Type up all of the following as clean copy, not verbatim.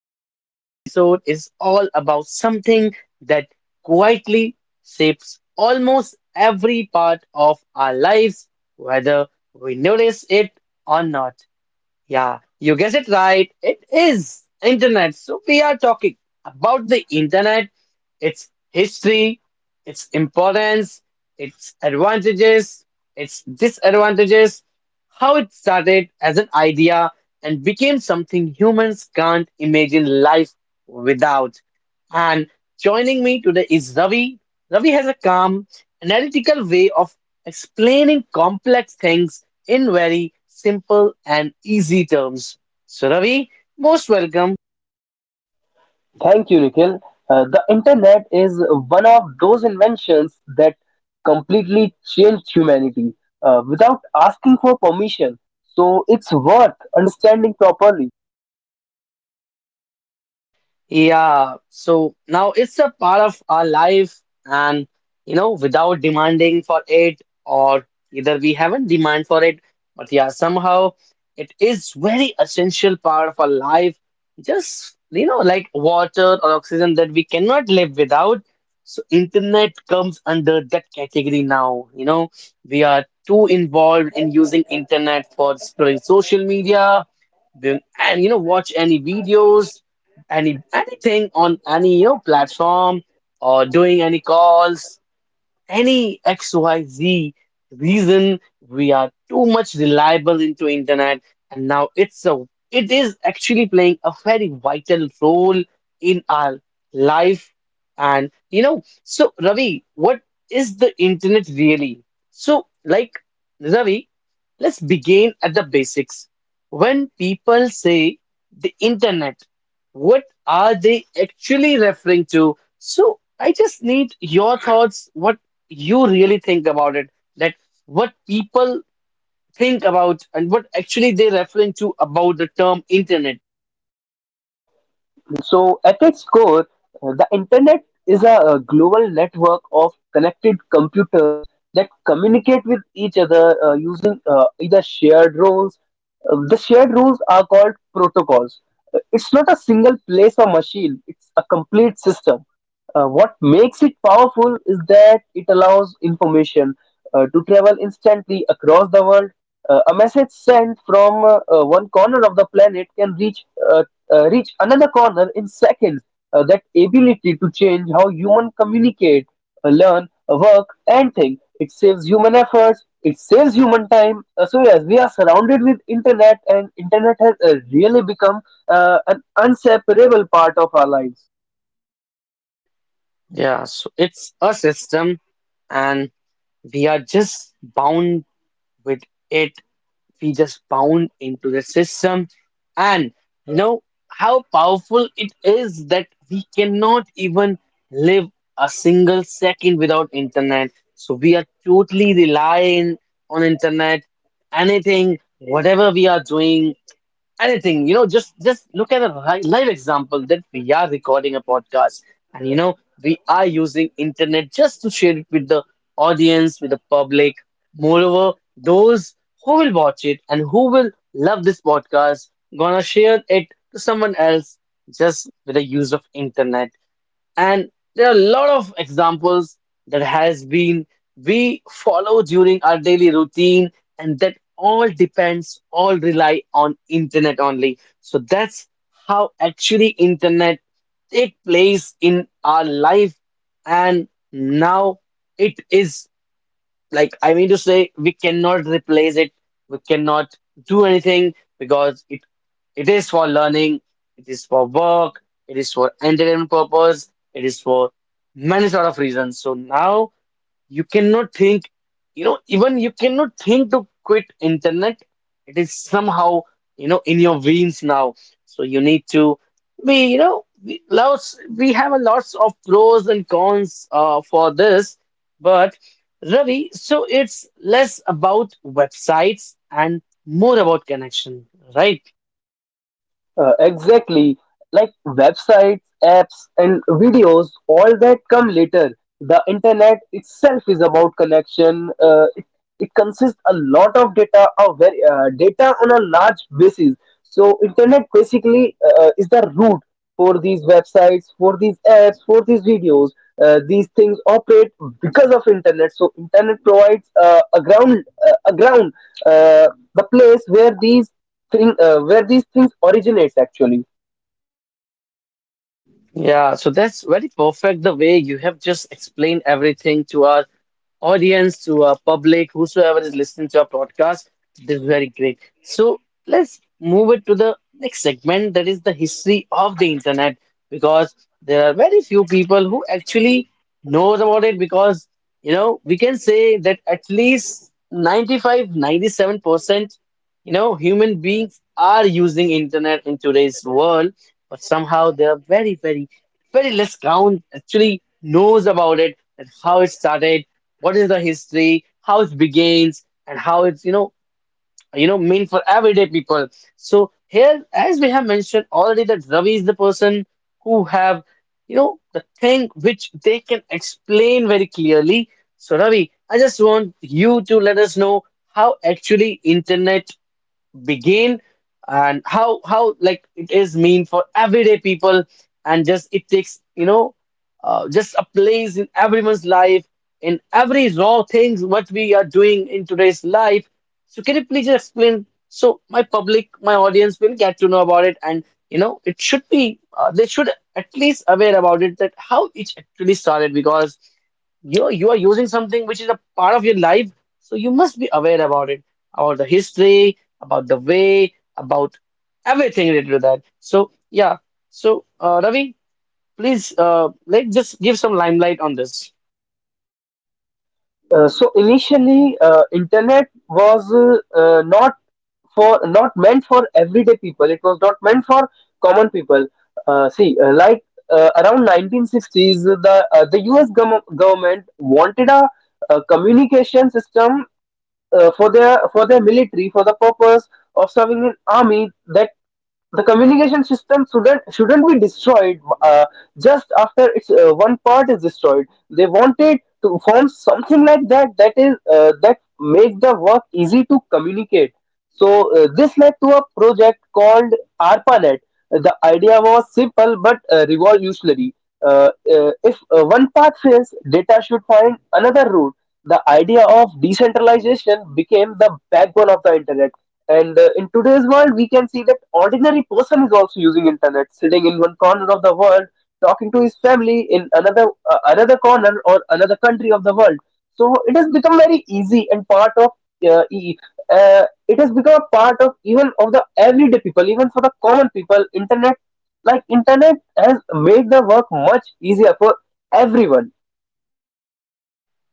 today's episode is all about something that quietly shapes almost every part of our lives, whether we notice it or not. Yeah, you guessed it right. It is internet. So we are talking about the internet, its history, its importance, its advantages, its disadvantages, how it started as an idea and became something humans can't imagine life without. And joining me today is Ravi. Ravi has a calm, analytical way of explaining complex things in very simple and easy terms. So, Ravi, most welcome. Thank you, Nikhil. The internet is one of those inventions that completely changed humanity without asking for permission. So it's worth understanding properly. Yeah, so now it's a part of our life, and you know, without demanding for it, or either we haven't demand for it, but yeah, somehow it is very essential part of our life. Just you know, like water or oxygen that we cannot live without. So internet comes under that category now. You know, we are too involved in using internet for scrolling social media, and you know, watch any videos anything on any you know, platform or doing any calls any XYZ reason, we are too much reliable into internet, and now it is actually playing a very vital role in our life. And you know, so Ravi, what is the internet really? So, Ravi, let's begin at the basics. When people say the internet, what are they actually referring to? So, I just need your thoughts. What you really think about it, that what people think about and what actually they're referring to about the term internet. At its core, the internet is a global network of connected computers that communicate with each other using either shared roles. The shared roles are called protocols. It's not a single place or machine, it's a complete system. What makes it powerful is that it allows information to travel instantly across the world. A message sent from one corner of the planet can reach uh, reach another corner in seconds. That ability to change how humans communicate, learn, work, and think. It saves human efforts. It saves human time. So yes, we are surrounded with internet, and internet has really become an inseparable part of our lives. Yeah, so it's a system and we are just bound with it. We just bound into the system, and you know how powerful it is that we cannot even live a single second without internet. So we are totally relying on internet. Anything whatever we are doing, anything you know, just look at a live example that we are recording a podcast, and you know we are using internet just to share it with the audience, with the public. Moreover, those who will watch it and who will love this podcast gonna share it to someone else just with the use of internet. And there are a lot of examples that has been we follow during our daily routine, and that all rely on internet only. So that's how actually internet take place in our life. And now it is, like I mean to say, we cannot replace it. We cannot do anything because it is for learning, it is for work, it is for entertainment purpose, it is for many sort of reasons. So now you cannot think, you know, even you cannot think to quit internet. It is somehow, you know, in your veins now. So you need to be, you know, we have a lots of pros and cons for this. But Ravi, so it's less about websites and more about connection, right? Exactly. Like websites, apps, and videos, all that come later. The internet itself is about connection. It consists a lot of data, a very, data on a large basis. So internet basically is the root for these websites, for these apps, for these videos. These things operate because of internet. So internet provides a ground uh, the place where these things originates actually. Yeah, so that's very perfect the way you have just explained everything to our audience, to our public, whosoever is listening to our podcast. This is very great. So let's move it to the next segment, that is the history of the internet, because there are very few people who actually knows about it. Because you know, we can say that at least 95, 97% you know human beings are using internet in today's world, but somehow they are very, very, very less ground actually knows about it, and how it started, what is the history, how it begins, and how it's you know mean for everyday people. So here, as we have mentioned already, that Ravi is the person who have you know the thing which they can explain very clearly. So Ravi, I just want you to let us know how actually internet begin, and how like it is mean for everyday people, and just it takes you know just a place in everyone's life, in every raw things what we are doing in today's life. So can you please just explain, so my public, my audience will get to know about it. And you know, it should be they should at least aware about it, that how it actually started. Because you are using something which is a part of your life, so you must be aware about it, about the history, about the way, about everything related to that. So, yeah. So, Ravi, please, like, just give some limelight on this. So initially, internet was uh, uh, not not meant for everyday people. It was not meant for common people. See, like Around 1960s, the U.S. Government wanted a communication system for their military for the purpose of serving in army, that the communication system shouldn't be destroyed uh, just after its one part is destroyed. They wanted to form something like that, that is that make the work easy to communicate. So this led to a project called ARPANET. The idea was simple but revolutionary. Uh, uh, if uh, one path fails, data should find another route. The idea of decentralization became the backbone of the internet. And in today's world, we can see that ordinary person is also using internet sitting in one corner of the world, talking to his family in another, another corner or another country of the world. So it has become very easy and part of uh, e- it has become a part of even of the everyday people, even for the common people. Internet, internet has made the work much easier for everyone.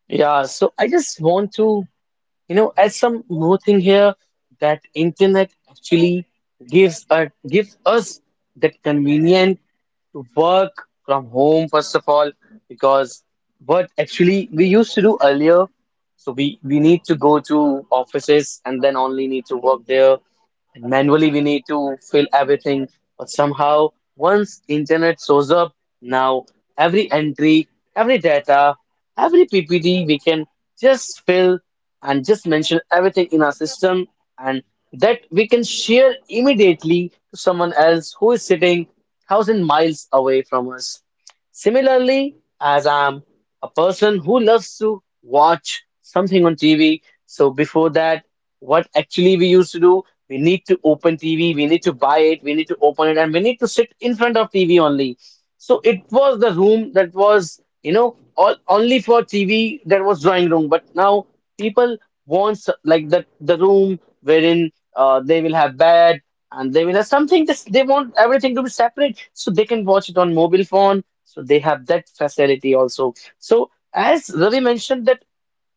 Yeah. So, I just want to. You know, as some more thing here, that internet actually gives us that convenient to work from home first of all. Because what actually we used to do earlier, so we need to go to offices and then only need to work there, and manually we need to fill everything. But somehow, once internet shows up, now every entry, every data, every ppt we can just fill and just mention everything in our system, and that we can share immediately to someone else who is sitting 1,000 miles away from us. Similarly, as I'm a person who loves to watch something on TV, so before that, what actually we used to do, we need to open TV, we need to buy it, we need to open it, and we need to sit in front of TV only. So it was the room that was, you know, only for TV, that was drawing room. But now people like that the room wherein they will have bed and they will have something. This they want everything to be separate, so they can watch it on mobile phone, so they have that facility also. So as Ravi mentioned that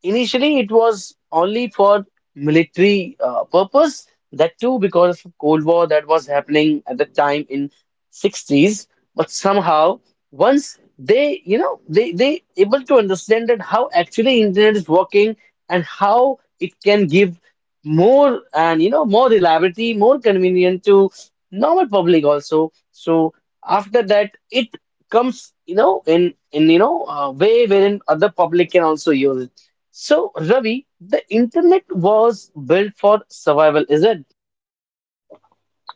initially, it was only for military purpose. That too, because of Cold War that was happening at the time in 60s. But somehow, once they, you know, they able to understand that how actually internet is working and how it can give more, and you know, more reliability, more convenient to normal public also. So after that, it comes you know in you know a way wherein other public can also use it. So, Ravi, the internet was built for survival, is it?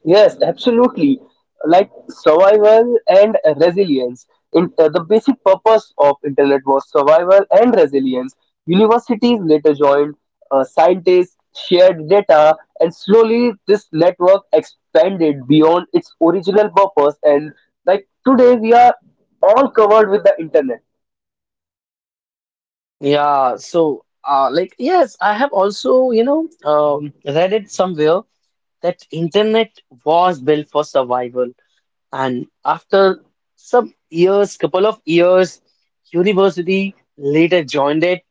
Yes, absolutely. Like survival and resilience. The basic purpose of internet was survival and resilience. Universities later joined, scientists shared data, and slowly this network expanded beyond its original purpose. And like today, we are all covered with the internet. Yeah, so like yes, I have also, you know, read it somewhere that internet was built for survival. And after some years, couple of years, university later joined it,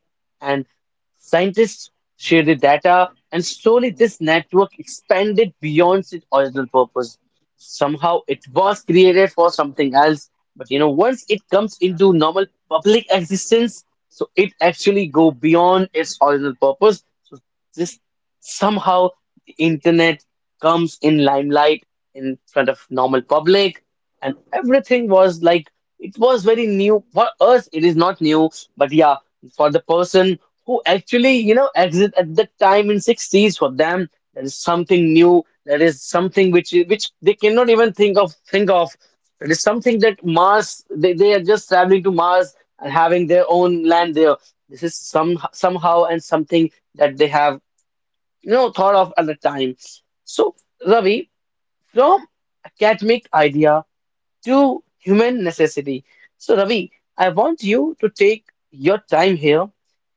and scientists shared the data, and slowly this network expanded beyond its original purpose. Somehow it was created for something else, but you know, once it comes into normal public existence, so it actually go beyond its original purpose. So this somehow the internet comes in limelight in front of normal public, and everything was like it was very new for us. It is not new, but yeah, for the person who actually you know exit at that time in 60s, for them there is something new, there is something which they cannot even think of. It is something that mars, they are just traveling to mars and having their own land there. This is some somehow and something that they have you know thought of at the time. So Ravi, from academic idea to human necessity. So, Ravi, I want you to take your time here.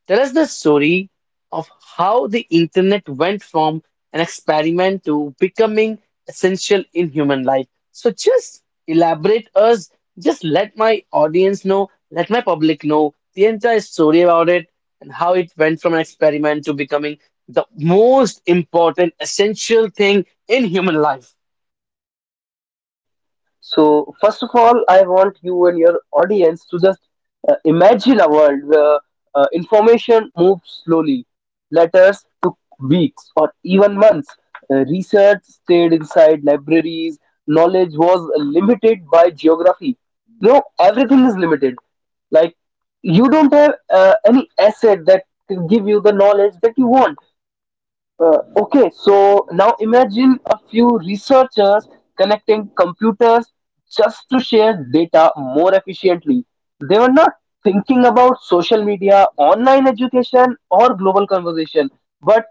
Tell us the story of how the internet went from an experiment to becoming essential in human life. So, just elaborate us, just let my audience know, let my public know the entire story about it, and how it went from an experiment to becoming the most important, essential thing in human life. So, first of all, I want you and your audience to just imagine a world where information moves slowly. Letters took weeks or even months. Research stayed inside libraries. Knowledge was limited by geography. You know, everything is limited. Like, you don't have any asset that can give you the knowledge that you want. Okay, so now imagine a few researchers connecting computers just to share data more efficiently. They were not thinking about social media, online education, or global conversation, but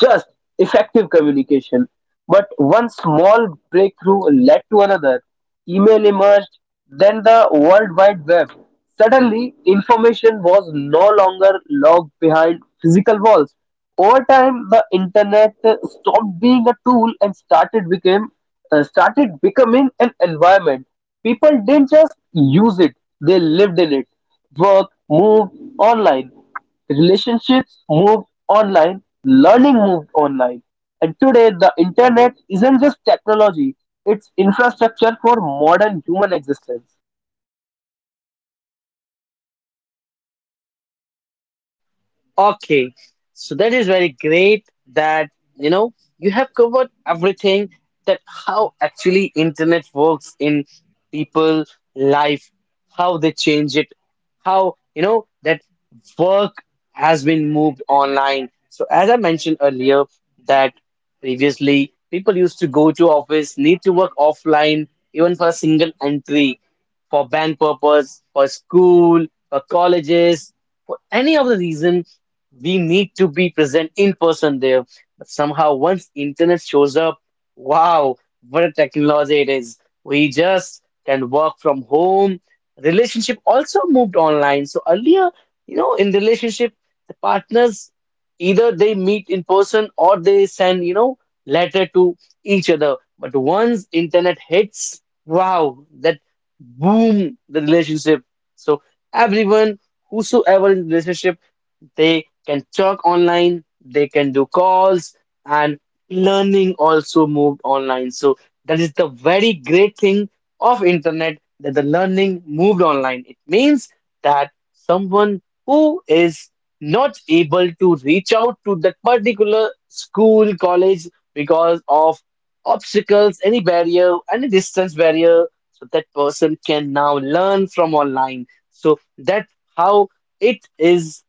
just effective communication. But one small breakthrough led to another. Email emerged, then the World Wide Web. Suddenly, information was no longer locked behind physical walls. Over time, the internet stopped being a tool and started becoming an environment. People didn't just use it; they lived in it. Work, move online. Relationships moved online, learning moved online, and today the internet isn't just technology, it's infrastructure for modern human existence. Okay, so that is very great that you know you have covered everything, that how actually internet works in people life, how they change it, how you know that work has been moved online. So as I mentioned earlier that previously people used to go to office, need to work offline even for a single entry, for bank purpose, for school, for colleges, for any of the reason we need to be present in person there. But somehow, once internet shows up, wow, what a technology it is. We just can work from home. Relationship also moved online. So earlier, you know, in relationship, the partners either they meet in person or they send, you know, letter to each other. But once internet hits, wow, that boom, the relationship. So everyone, whosoever in relationship, they can talk online, they can do calls, and learning also moved online. So that is the very great thing of internet, that the learning moved online. It means that someone who is not able to reach out to that particular school, college because of obstacles, any barrier, any distance barrier, so that person can now learn from online. So that's how it is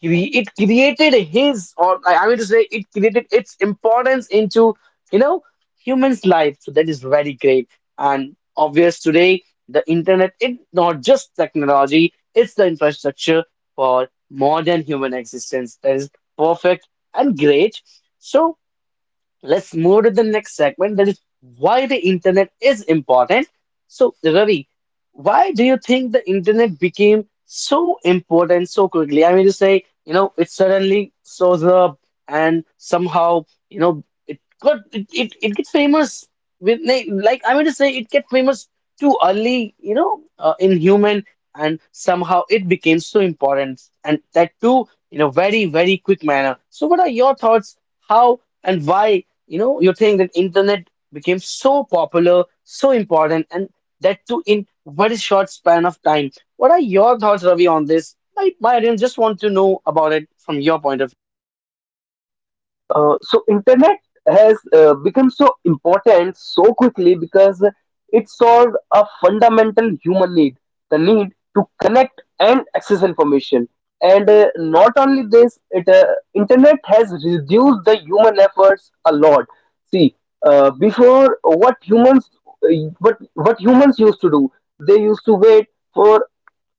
it created his or I mean to say it created its importance into you know humans life. So that is very great and obvious today. The internet, it not just technology, it's the infrastructure for modern human existence. That is perfect and great. So let's move to the next segment, that is why the internet is important. So, Ravi, why do you think the internet became so important so quickly? I mean to say, you know, it suddenly shows up and somehow, it got it, it, it gets famous with na- like I mean to say it get famous too early, in human, and somehow it became so important, and that too in a very, very quick manner. So what are your thoughts? How and why? You know, you're saying that internet became so popular, so important, and that too in very short span of time. What are your thoughts, Ravi, on this? My audience just want to know about it from your point of So internet has become so important so quickly because it solved a fundamental human need, the need to connect and access information. And not only this, it internet has reduced the human efforts a lot. See, before, what humans used to do, they used to wait for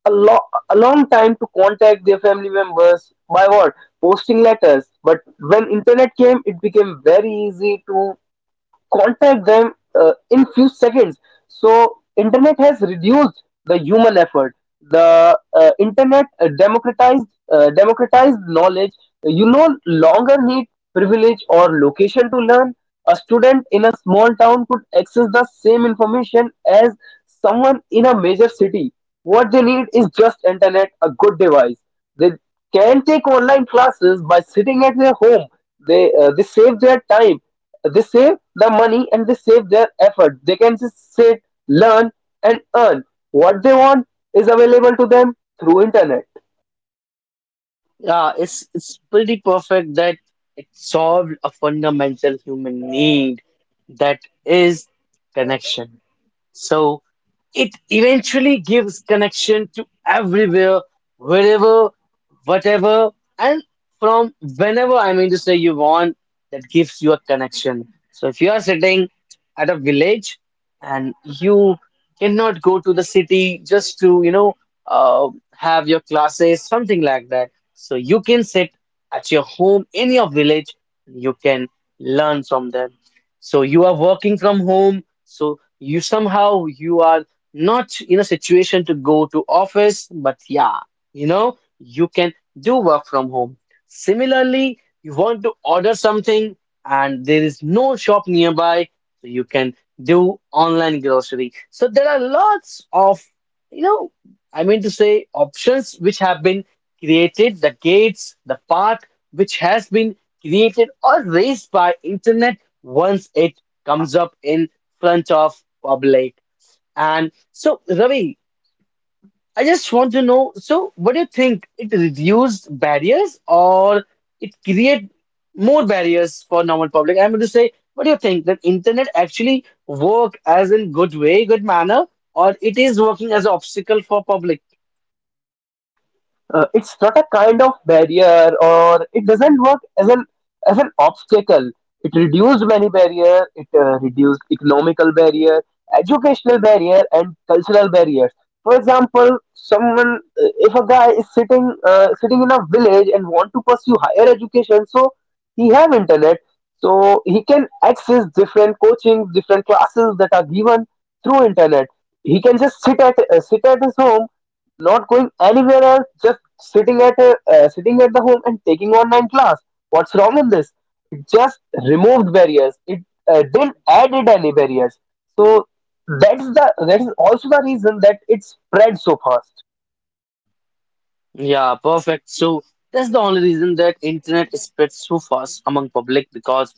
a, lo- a long time to contact their family members by what? Posting letters. But when internet came, it became very easy to contact them in few seconds. So internet has reduced the human effort. The internet democratized knowledge. You no longer need privilege or location to learn. A student in a small town could access the same information as someone in a major city. What they need is just internet, a good device. They can take online classes by sitting at their home. They save their time, they save the money, and they save their effort. They can just sit, learn, and earn. What they want is available to them through internet. view. Yeah, it's pretty perfect that it solved a fundamental human need, that is connection. So it eventually gives connection to everywhere, wherever, whatever, and from whenever, I mean to say you want, that gives you a connection. So if you are sitting at a village and you cannot go to the city just to, have your classes, something like that. So you can sit at your home in your village, you can learn from them. So you are working from home. So you somehow you are not in a situation to go to office, but yeah, you know, you can do work from home. Similarly, you want to order something and there is no shop nearby, so you can do online grocery. So there are lots of, you know I mean to say options which have been created, the gates, the path, which has been created or raised by internet once it comes up in front of public. And so, Ravi, I just want to know, so what do you think? It reduced barriers or it create more barriers for normal public? I'm going to say, what do you think? That internet actually work as in good way, good manner, or it is working as an obstacle for public? It's not a kind of barrier, or it doesn't work as an obstacle. It reduced many barrier, it reduced economical barrier, educational barrier, and cultural barriers. For example, someone, if a guy is sitting sitting in a village and want to pursue higher education, so he have internet. So he can access different coaching, different classes that are given through internet. He can just sit at his home, not going anywhere else, just sitting at sitting at the home and taking online class. What's wrong in this? It just removed barriers. It didn't added any barriers. So that's the that is also the reason that it spread so fast. Yeah, perfect. So that's the only reason that internet spreads so fast among public, because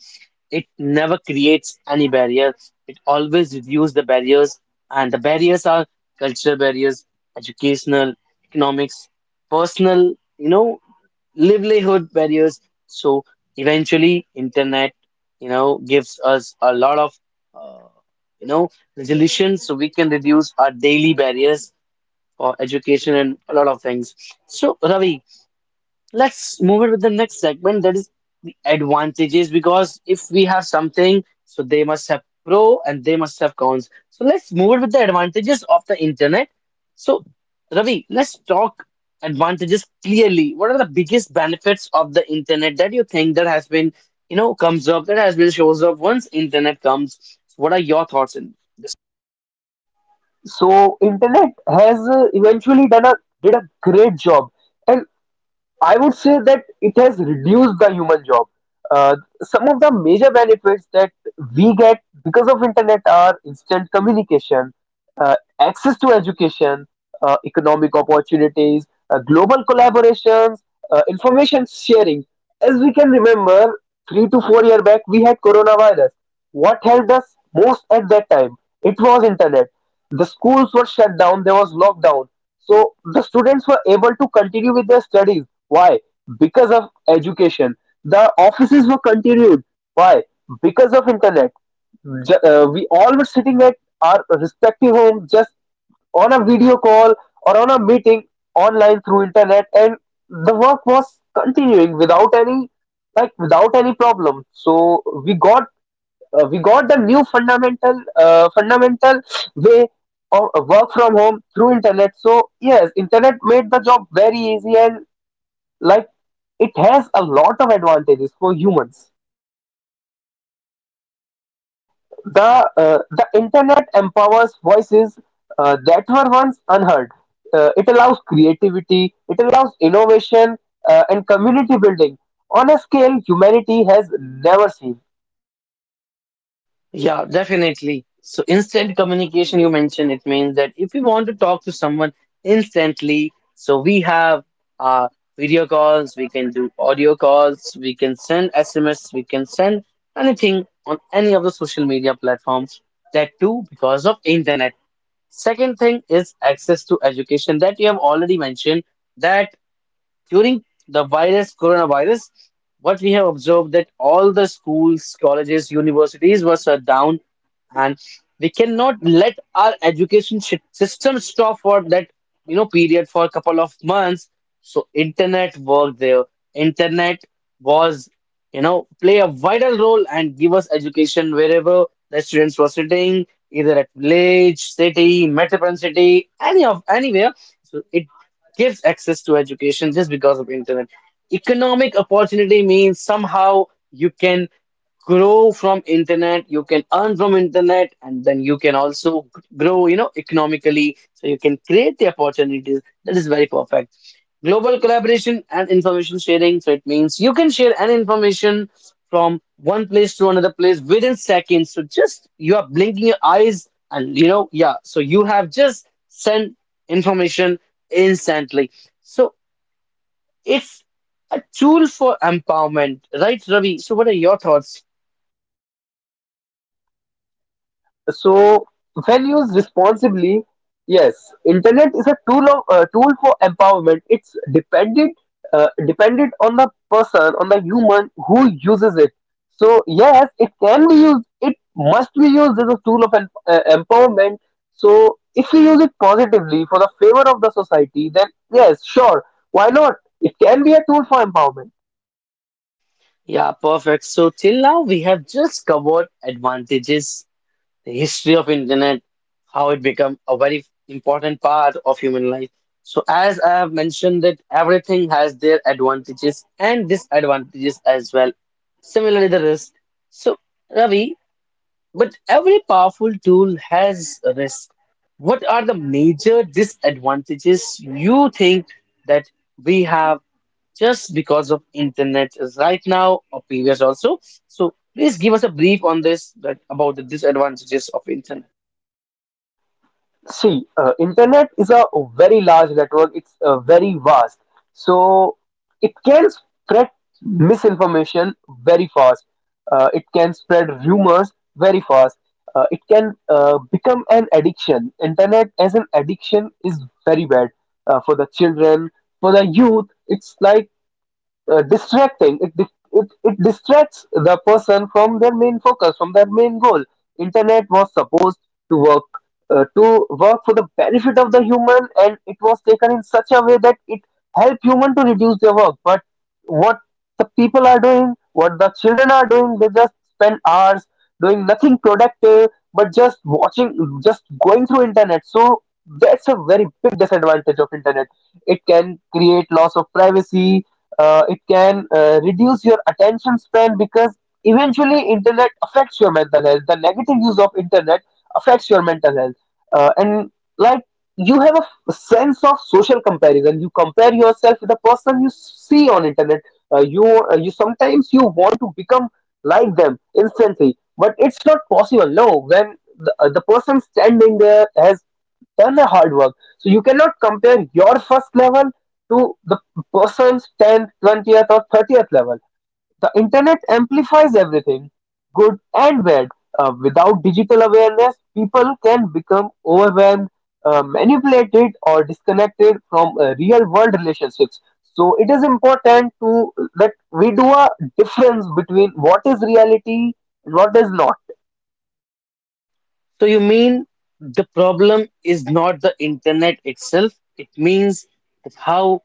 it never creates any barrier. It always reviews the barriers, and the barriers are cultural barriers, educational, economics, personal, you know, livelihood barriers. So eventually, internet, you know, gives us a lot of, uh, you know, resolution so we can reduce our daily barriers for education and a lot of things. So, Ravi, let's move it with the next segment, that is the advantages, because if we have something, so they must have pro and they must have cons. So let's move it with the advantages of the internet. So Ravi, let's talk advantages. Clearly, what are the biggest benefits of the internet that you think that has been, you know, comes up, that has been shows up once internet comes? So what are your thoughts in? So internet has eventually done a did a great job, and I would say that it has reduced the human job. Uh, some of the major benefits that we get because of internet are instant communication, uh, access to education, economic opportunities, global collaborations, information sharing. As we can remember, 3 to 4 year back we had coronavirus. What helped us most at that time? It was internet. The schools were shut down. There was lockdown. So the students were able to continue with their studies. Why? Because of education. The offices were continued. Why? Because of internet. We all were sitting at our respective home, just on a video call or on a meeting online through internet, and the work was continuing without any, like, without any problem. So we got the new fundamental fundamental way of work from home through internet. So yes, internet made the job very easy, and like, it has a lot of advantages for humans. The uh, the internet empowers voices that were once unheard. It allows creativity, it allows innovation, and community building on a scale humanity has never seen. Yeah, definitely. So instant communication, you mentioned. It means that if we want to talk to someone instantly, so we have, uh, video calls, we can do audio calls, we can send SMS, we can send anything on any of the social media platforms. That too because of internet. Second thing is access to education that you have already mentioned. That. During the virus, coronavirus, what we have observed, that all the schools, colleges, universities were shut down, and we cannot let our system stop for that, you know, period for a couple of months. So internet worked there. Internet was, you know, play a vital role and give us education wherever the students were sitting, either at village, city, metropolitan city, any of anywhere. So it gives access to education just because of internet. Economic opportunity means somehow you can grow from internet, you can earn from internet, and then you can also grow, you know, economically, so you can create the opportunities. That is very perfect. Global collaboration and information sharing, so it means you can share an information from one place to another place within seconds. So just you are blinking your eyes and, you know, yeah, so you have just sent information instantly. So it's a tool for empowerment, right, Ravi? So what are your thoughts? So when used responsibly, yes, internet is a tool for empowerment. It's dependent dependent on the person, on the human who uses it. So yes, it can be used. It must be used as a tool of empowerment. So if we use it positively for the favor of the society, then yes, sure, why not? It can be a tool for empowerment. Yeah, perfect. So till now we have just covered advantages, the history of internet, how it become a very important part of human life. So as I have mentioned, that everything has their advantages and disadvantages as well. Similarly the risk. So Ravi, but every powerful tool has a risk. What are the major disadvantages you think that we have just because of internet is right now or previous also? So please give us a brief on this, that about the disadvantages of internet. See, internet is a very large network. It's very vast, so it can spread misinformation very fast. It can spread rumors very fast. It can become an addiction. Internet as an addiction is very bad for the children, for the youth. It's like it it distracts the person from their main focus, from their main goal. Internet was supposed to work to work for the benefit of the human, and it was taken in such a way that it helped human to reduce their work. But what the people are doing, what the children are doing, they just spend hours doing nothing productive, but just watching, just going through internet. So that's a very big disadvantage of internet. It can create loss of privacy, it can reduce your attention span, because eventually internet affects your mental health. The negative use of internet affects your mental health. And like, you have a sense of social comparison. You compare yourself with the person you see on internet. uh, you you sometimes you want to become like them instantly, but it's not possible. No, when the person standing there has done a hard work. So you cannot compare your first level to the person's 10th, 20th, or 30th level. The internet amplifies everything, good and bad. Without digital awareness, people can become overwhelmed, manipulated, or disconnected from real world relationships. So it is important to that we do a difference between what is reality and what is not. So you mean the problem is not the internet itself, it means that how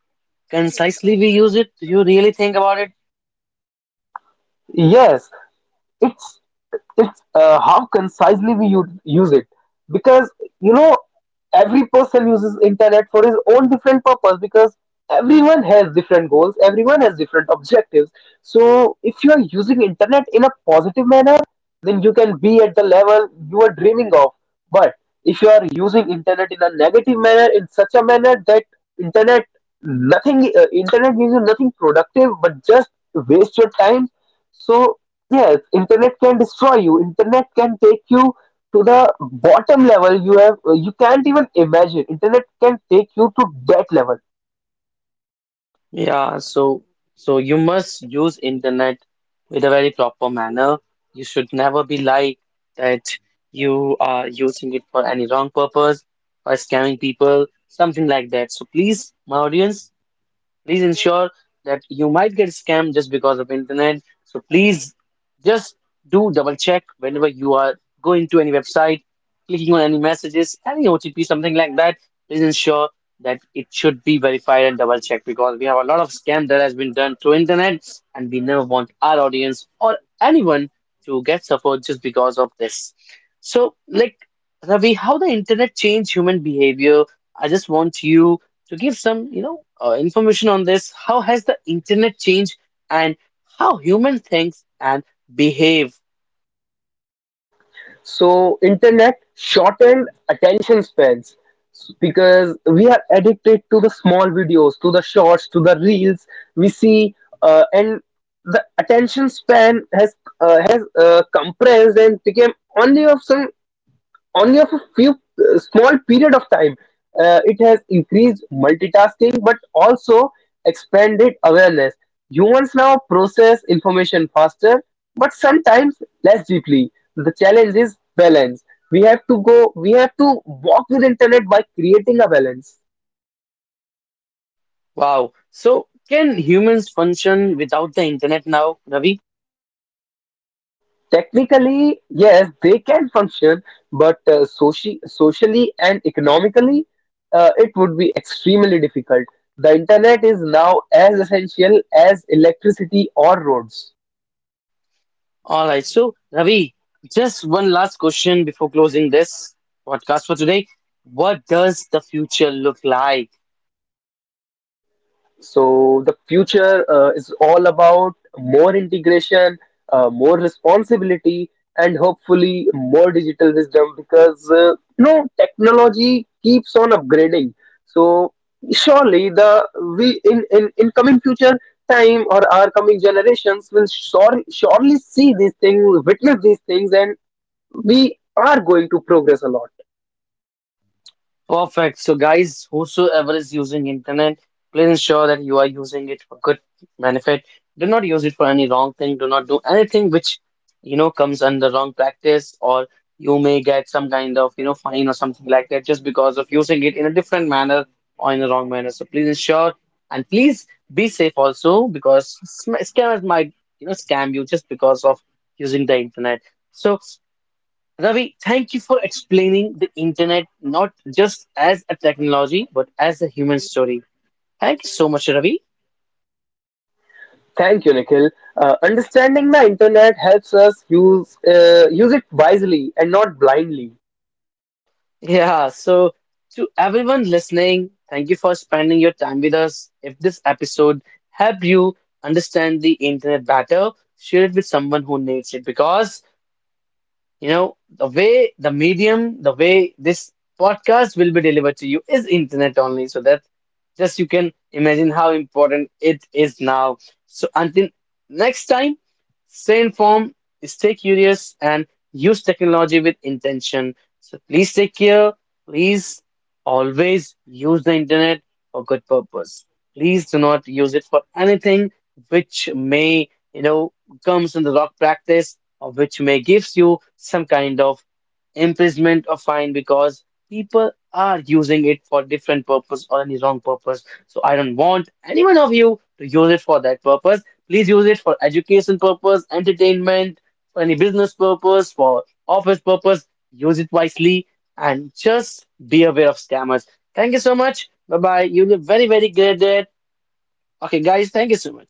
concisely we use it. Do you really think about it? Yes, it's it's how concisely we use it. Because you know, every person uses internet for his own different purpose, because everyone has different goals, everyone has different objectives. So if you are using internet in a positive manner, then you can be at the level you are dreaming of. But if you are using internet in a negative manner, in such a manner that internet internet gives you nothing productive, but just waste your time. So yes, internet can destroy you. Internet can take you to the bottom level you have you can't even imagine. Internet can take you to that level. Yeah, so you must use internet with a very proper manner. You should never be like that you are using it for any wrong purpose or scamming people, something like that. So please, my audience, please ensure that you might get scammed just because of internet. So please just do double check whenever you are going to any website, clicking on any messages, any otp, something like that. Please ensure that it should be verified and double checked, because we have a lot of scam that has been done through internet, and we never want our audience or anyone to get suffered just because of this. So like, Ravi, how the internet changed human behavior? I just want you to give some, information on this. How has the internet changed and how human thinks and behave? So internet shortened attention spans because we are addicted to the small videos, to the shorts, to the reels we see. And the attention span has compressed and became only of some only of a few small period of time. It has increased multitasking but also expanded awareness. Humans now process information faster but sometimes less deeply. The challenge is balance. We have to walk with internet by creating a balance. Wow. So can humans function without the internet now, Ravi? Technically, yes, they can function, but socially and economically, it would be extremely difficult. The internet is now as essential as electricity or roads. All right. So Ravi, just one last question before closing this podcast for today. What does the future look like? So the future is all about more integration, more responsibility, and hopefully more digital wisdom, because you know, technology keeps on upgrading. So surely, the in coming future time, or our coming generations will surely see these things, witness these things, and we are going to progress a lot. Perfect. So, guys, whosoever is using internet, please ensure that you are using it for good benefit. Do not use it for any wrong thing. Do not do anything which, you know, comes under wrong practice, or you may get some kind of, you know, fine or something like that just because of using it in a different manner or in a wrong manner. So please ensure, and please be safe also, because scammers might, you know, scam you just because of using the internet. So Ravi, thank you for explaining the internet not just as a technology, but as a human story. Thank you so much, Ravi. Thank you, Nikhil. Understanding the internet helps us use it wisely and not blindly. Yeah, so to everyone listening, thank you for spending your time with us. If this episode helped you understand the internet better, share it with someone who needs it, because you know, the way the medium, the way this podcast will be delivered to you is internet only. So that just you can imagine how important it is now. So until next time, stay informed, stay curious, and use technology with intention. So please take care. Please always use the internet for good purpose. Please do not use it for anything which may, you know, comes in the wrong practice, which may gives you some kind of imprisonment or fine, because people are using it for different purpose or any wrong purpose. So I don't want any one of you to use it for that purpose. Please use it for education purpose, entertainment, for any business purpose, for office purpose. Use it wisely and just be aware of scammers. Thank you so much. Bye bye. You look very, very great there. Okay, guys, thank you so much.